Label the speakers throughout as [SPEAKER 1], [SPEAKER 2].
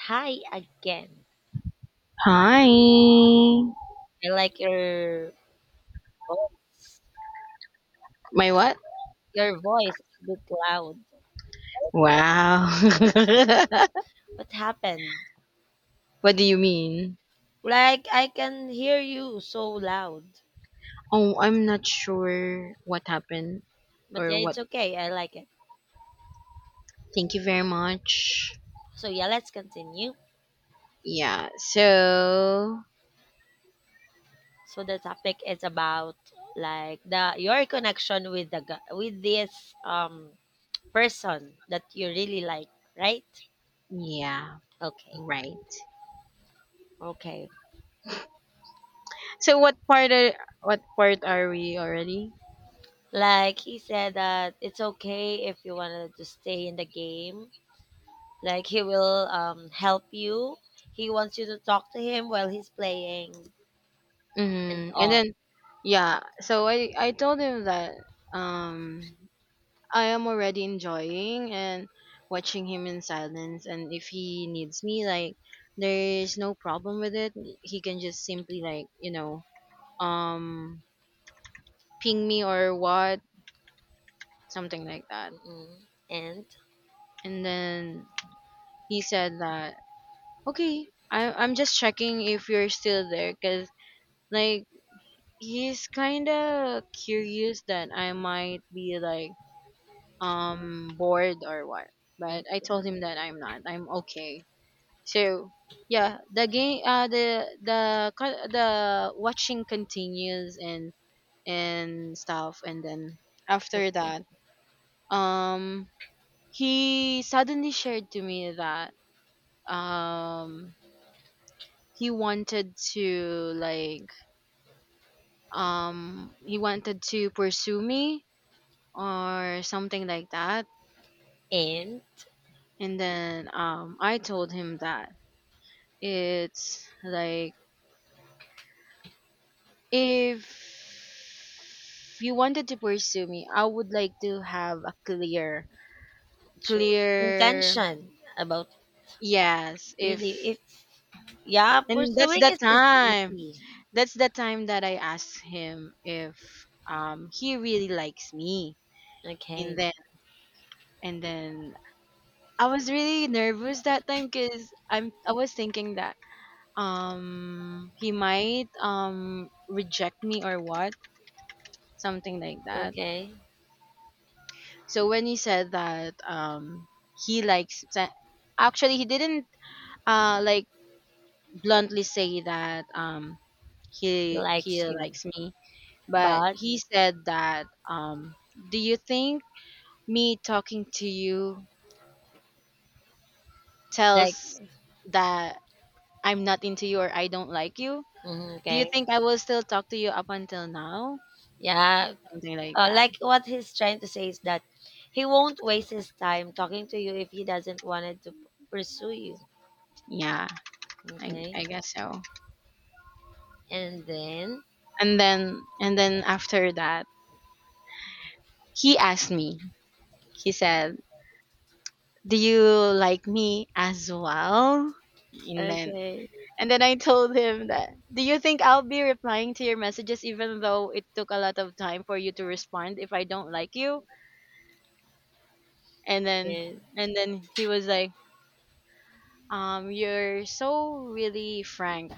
[SPEAKER 1] Hi again.
[SPEAKER 2] Hi.
[SPEAKER 1] I like your voice.
[SPEAKER 2] My what?
[SPEAKER 1] Your voice is a bit loud. I like
[SPEAKER 2] Wow.
[SPEAKER 1] it. What happened?
[SPEAKER 2] What do you mean?
[SPEAKER 1] Like I can hear you so loud.
[SPEAKER 2] Oh, I'm not sure what happened
[SPEAKER 1] But
[SPEAKER 2] or
[SPEAKER 1] yeah,
[SPEAKER 2] what.
[SPEAKER 1] it's okay. I like it.
[SPEAKER 2] Thank you very much.
[SPEAKER 1] So yeah, let's continue.
[SPEAKER 2] Yeah. So,
[SPEAKER 1] So the topic is about like the your connection with the with this person that you really like, right?
[SPEAKER 2] yeah,
[SPEAKER 1] Okay.
[SPEAKER 2] right.
[SPEAKER 1] Okay.
[SPEAKER 2] So what part are we already?
[SPEAKER 1] Like he said that it's okay if you wanted to stay in the game. Like he will help you. He wants you to talk to him while he's playing and
[SPEAKER 2] Mm-hmm. And
[SPEAKER 1] all.
[SPEAKER 2] then, yeah, so I told him that um I am already enjoying and watching him in silence. And if he needs me, like, there is no problem with it. He can just simply, like, um, ping me or what, something like that.
[SPEAKER 1] Mm-mm. And
[SPEAKER 2] And then he said that, okay, I'm just checking if you're still there because, like, he's kind of curious that I might be, like, bored or what. But
[SPEAKER 1] mm,
[SPEAKER 2] I told him that I'm not. I'm okay. So yeah, the game, the watching continues and stuff, and then after
[SPEAKER 1] okay.
[SPEAKER 2] that, um, he suddenly shared to me that um he wanted to like he wanted to pursue me or something like that,
[SPEAKER 1] And
[SPEAKER 2] and then I told him that it's like if you wanted to pursue me, I would like to have a clear,
[SPEAKER 1] true
[SPEAKER 2] clear.
[SPEAKER 1] intention about
[SPEAKER 2] Yes.
[SPEAKER 1] really
[SPEAKER 2] If
[SPEAKER 1] if, yeah,
[SPEAKER 2] And that's
[SPEAKER 1] pursuing
[SPEAKER 2] the
[SPEAKER 1] is just
[SPEAKER 2] time.
[SPEAKER 1] easy.
[SPEAKER 2] That's the time that I asked him if he really likes me. And
[SPEAKER 1] Okay.
[SPEAKER 2] then and then I was really nervous that time because I was thinking that he might reject me or what, something like that.
[SPEAKER 1] Okay,
[SPEAKER 2] So when he said that, he likes sa- actually he didn't uh like bluntly say that
[SPEAKER 1] he
[SPEAKER 2] he
[SPEAKER 1] likes you,
[SPEAKER 2] likes me, but
[SPEAKER 1] but
[SPEAKER 2] he said that, do you think me talking to you
[SPEAKER 1] like
[SPEAKER 2] tells that I'm not into you or I don't like you?
[SPEAKER 1] mm,
[SPEAKER 2] Do you
[SPEAKER 1] okay,
[SPEAKER 2] think I will still talk to you up until now?
[SPEAKER 1] yeah,
[SPEAKER 2] Something like that.
[SPEAKER 1] like what he's trying to say is that he won't waste his time talking to you if he doesn't wanted to pursue you.
[SPEAKER 2] Yeah, I
[SPEAKER 1] Okay.
[SPEAKER 2] I guess so.
[SPEAKER 1] And then,
[SPEAKER 2] And then after that, he asked me he said, do you like me as well? And then
[SPEAKER 1] okay,
[SPEAKER 2] and then I told him that, do you think I'll be replying to your messages even though it took a lot of time for you to respond if I don't like you? And then
[SPEAKER 1] yes,
[SPEAKER 2] and then he was like, you're so really frank.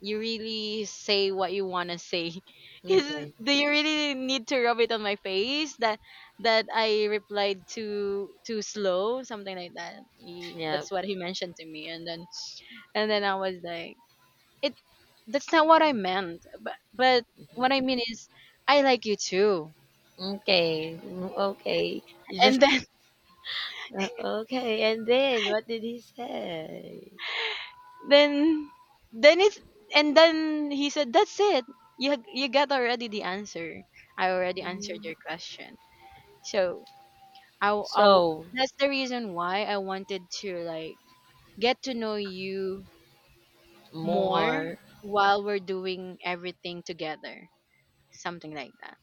[SPEAKER 2] You really say what you wanna say. Cause
[SPEAKER 1] okay,
[SPEAKER 2] do you really need to rub it on my face that I replied too slow, something like that. He,
[SPEAKER 1] yep,
[SPEAKER 2] that's what he mentioned to me, and then I was like, it. That's not what I meant. But what
[SPEAKER 1] mhm,
[SPEAKER 2] I mean is, I like you too.
[SPEAKER 1] okay, mm, okay, you
[SPEAKER 2] And
[SPEAKER 1] just
[SPEAKER 2] then
[SPEAKER 1] uh, okay. And then, what did he say?
[SPEAKER 2] then then it's then he said, that's it. You got already the answer. I already answered
[SPEAKER 1] Mm.
[SPEAKER 2] your question. So, I
[SPEAKER 1] So
[SPEAKER 2] that's the reason why I wanted to like get to know you more
[SPEAKER 1] more.
[SPEAKER 2] while we're doing everything together, something like that.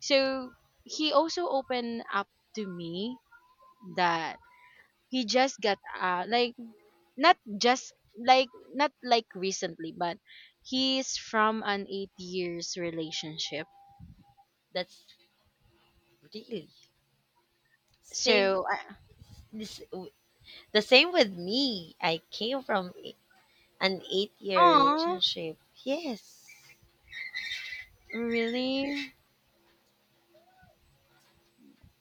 [SPEAKER 2] So he also opened up to me that he just got out, like, not like recently, but he's from an 8 years relationship.
[SPEAKER 1] That's really same.
[SPEAKER 2] So.
[SPEAKER 1] This The same with me. I came from an eight-year
[SPEAKER 2] Oh,
[SPEAKER 1] relationship. Yes.
[SPEAKER 2] really.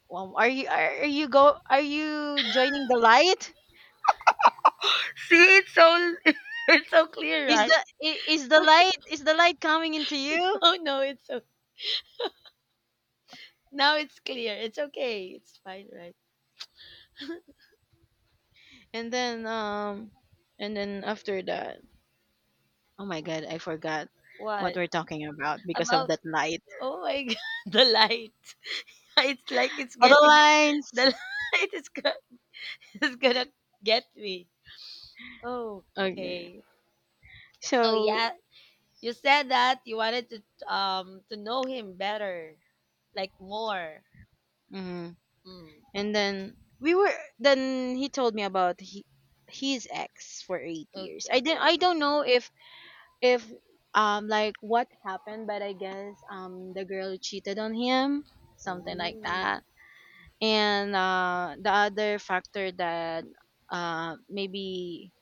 [SPEAKER 2] Well, are you joining the light?
[SPEAKER 1] See, it's so it's so clear,
[SPEAKER 2] Is
[SPEAKER 1] right?
[SPEAKER 2] the I- is the light coming into you?
[SPEAKER 1] Oh no, it's so now it's clear. It's okay. It's fine, right?
[SPEAKER 2] And then um and then after that, oh my god, I forgot what
[SPEAKER 1] What?
[SPEAKER 2] we're talking about because of
[SPEAKER 1] About
[SPEAKER 2] that light.
[SPEAKER 1] oh my god, the light. It's like it's
[SPEAKER 2] Other
[SPEAKER 1] getting the
[SPEAKER 2] lines.
[SPEAKER 1] light is gonna get me.
[SPEAKER 2] Okay.
[SPEAKER 1] Okay. So
[SPEAKER 2] So.
[SPEAKER 1] yeah, you said that you wanted to know him better, like more.
[SPEAKER 2] Hmm.
[SPEAKER 1] Mm.
[SPEAKER 2] And then we were then he told me about his ex for 8 years.
[SPEAKER 1] Okay, great.
[SPEAKER 2] I don't know if if like what happened, but I guess the girl cheated on him, something like
[SPEAKER 1] Ooh.
[SPEAKER 2] that. And the other factor that maybe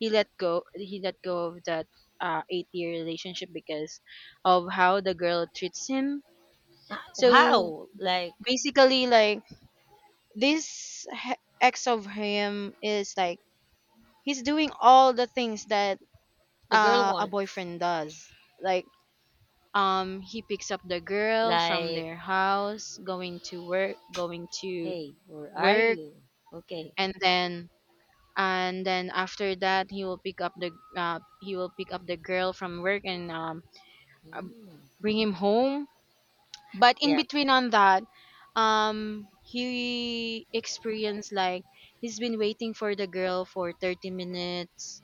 [SPEAKER 2] he let go of that 8 year relationship because of how the girl treats him. So
[SPEAKER 1] Wow, like
[SPEAKER 2] basically, like, this ex of him is like he's doing all the things that
[SPEAKER 1] the girl
[SPEAKER 2] a
[SPEAKER 1] wants,
[SPEAKER 2] boyfriend does, like he picks up the girl from
[SPEAKER 1] like,
[SPEAKER 2] their house, going to work,
[SPEAKER 1] hey, where are
[SPEAKER 2] work
[SPEAKER 1] you? Okay.
[SPEAKER 2] and then after that he will pick up the, girl from work, and uh,
[SPEAKER 1] Mm.
[SPEAKER 2] bring him home, but in
[SPEAKER 1] Yeah,
[SPEAKER 2] between on that he experienced, like, he's been waiting for the girl for 30 minutes,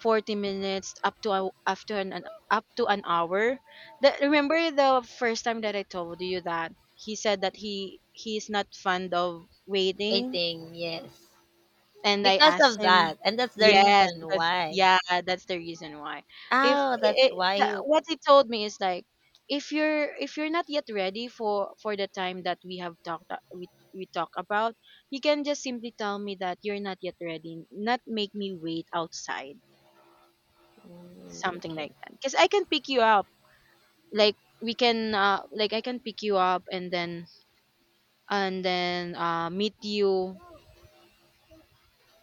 [SPEAKER 2] 40 minutes, up to a, after an up to an hour. That, remember the first time that I told you that he said that he's not fond of waiting?
[SPEAKER 1] waiting, yes.
[SPEAKER 2] And I
[SPEAKER 1] Because
[SPEAKER 2] asked
[SPEAKER 1] of
[SPEAKER 2] him.
[SPEAKER 1] that, and that's the
[SPEAKER 2] Yes,
[SPEAKER 1] reason
[SPEAKER 2] because
[SPEAKER 1] why.
[SPEAKER 2] yeah, that's the reason why. If
[SPEAKER 1] Oh, that's
[SPEAKER 2] it,
[SPEAKER 1] why
[SPEAKER 2] the,
[SPEAKER 1] he
[SPEAKER 2] what he told me is like, if you're not yet ready for the time that we have talked a- we talk about, you can just simply tell me that you're not yet ready, not make me wait outside,
[SPEAKER 1] mm,
[SPEAKER 2] something
[SPEAKER 1] okay.
[SPEAKER 2] like that. Because I can pick you up, like we can like I can pick you up and then meet you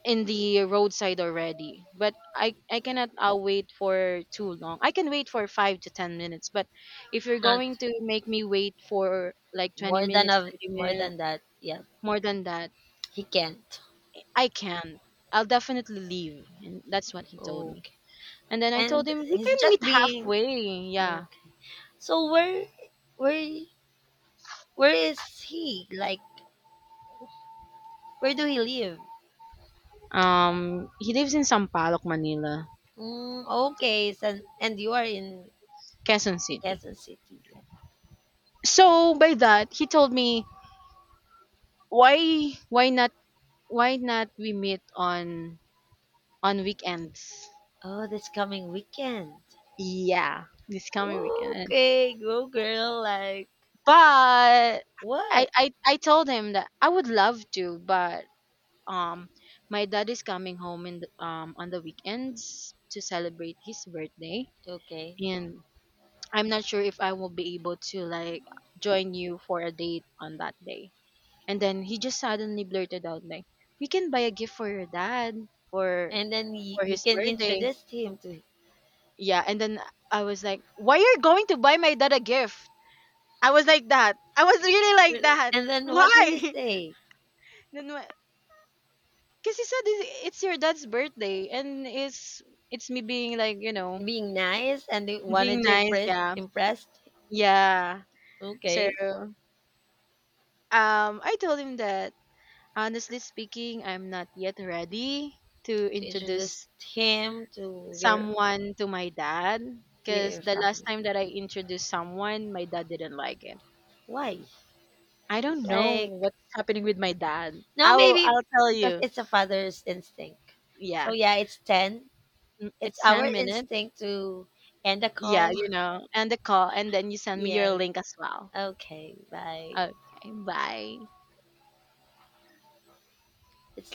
[SPEAKER 2] in the roadside already, but I cannot, wait for too long. I can wait for 5 to 10 minutes, but if you're
[SPEAKER 1] Not
[SPEAKER 2] going to make me wait for like 20 minutes, 30
[SPEAKER 1] more
[SPEAKER 2] minutes,
[SPEAKER 1] than that. Yeah,
[SPEAKER 2] more than that,
[SPEAKER 1] he can't.
[SPEAKER 2] I can't. I'll definitely leave, and that's what he told me.
[SPEAKER 1] Okay,
[SPEAKER 2] And then I told
[SPEAKER 1] and
[SPEAKER 2] him we
[SPEAKER 1] he's
[SPEAKER 2] can
[SPEAKER 1] just
[SPEAKER 2] meet
[SPEAKER 1] being.
[SPEAKER 2] halfway. Yeah.
[SPEAKER 1] Mm. So where, where is he? Like, where do he live?
[SPEAKER 2] He lives in Sampaloc Manila.
[SPEAKER 1] Mm, okay, so, and you are in
[SPEAKER 2] Quezon City.
[SPEAKER 1] Quezon City. Yeah.
[SPEAKER 2] So by that, he told me, why not, we meet on weekends?
[SPEAKER 1] Oh, this coming weekend.
[SPEAKER 2] Yeah, this coming weekend.
[SPEAKER 1] Okay, go girl. Like
[SPEAKER 2] But I,
[SPEAKER 1] what?
[SPEAKER 2] I I told him that I would love to, but um my dad is coming home on the weekends to celebrate his birthday,
[SPEAKER 1] Okay,
[SPEAKER 2] and I'm not sure if I will be able to, like, join you for a date on that day. And then he just suddenly blurted out, like, "We can buy a gift for your dad for
[SPEAKER 1] and then you
[SPEAKER 2] his
[SPEAKER 1] can
[SPEAKER 2] birthday."
[SPEAKER 1] introduce him to.
[SPEAKER 2] Yeah, and then I was like, "Why are you going to buy my dad a gift?" I was like that. I was really like that.
[SPEAKER 1] And then what did he
[SPEAKER 2] Why?
[SPEAKER 1] say?
[SPEAKER 2] Then, because he said, it's your dad's birthday, and it's me being, like,
[SPEAKER 1] Being nice and they
[SPEAKER 2] being
[SPEAKER 1] wanted to
[SPEAKER 2] nice. Yeah,
[SPEAKER 1] impress.
[SPEAKER 2] yeah. So,
[SPEAKER 1] Okay,
[SPEAKER 2] I told him that, honestly speaking, I'm not yet ready to
[SPEAKER 1] to introduce
[SPEAKER 2] introduce
[SPEAKER 1] him
[SPEAKER 2] someone to my dad,
[SPEAKER 1] to
[SPEAKER 2] because
[SPEAKER 1] your
[SPEAKER 2] the last
[SPEAKER 1] family.
[SPEAKER 2] time that I introduced someone, my dad didn't like it.
[SPEAKER 1] Why,
[SPEAKER 2] I don't know
[SPEAKER 1] like,
[SPEAKER 2] what's happening with my dad.
[SPEAKER 1] no,
[SPEAKER 2] I'll
[SPEAKER 1] maybe
[SPEAKER 2] I'll tell
[SPEAKER 1] because
[SPEAKER 2] you.
[SPEAKER 1] it's a father's instinct. So
[SPEAKER 2] Yeah.
[SPEAKER 1] yeah, it's 10,
[SPEAKER 2] Mm.
[SPEAKER 1] it's
[SPEAKER 2] It's
[SPEAKER 1] our
[SPEAKER 2] 10 minutes.
[SPEAKER 1] instinct to end the
[SPEAKER 2] Yeah,
[SPEAKER 1] call.
[SPEAKER 2] and the call, and then you send me your
[SPEAKER 1] Yes.
[SPEAKER 2] link as well.
[SPEAKER 1] Okay, bye.
[SPEAKER 2] Okay, bye.
[SPEAKER 1] It's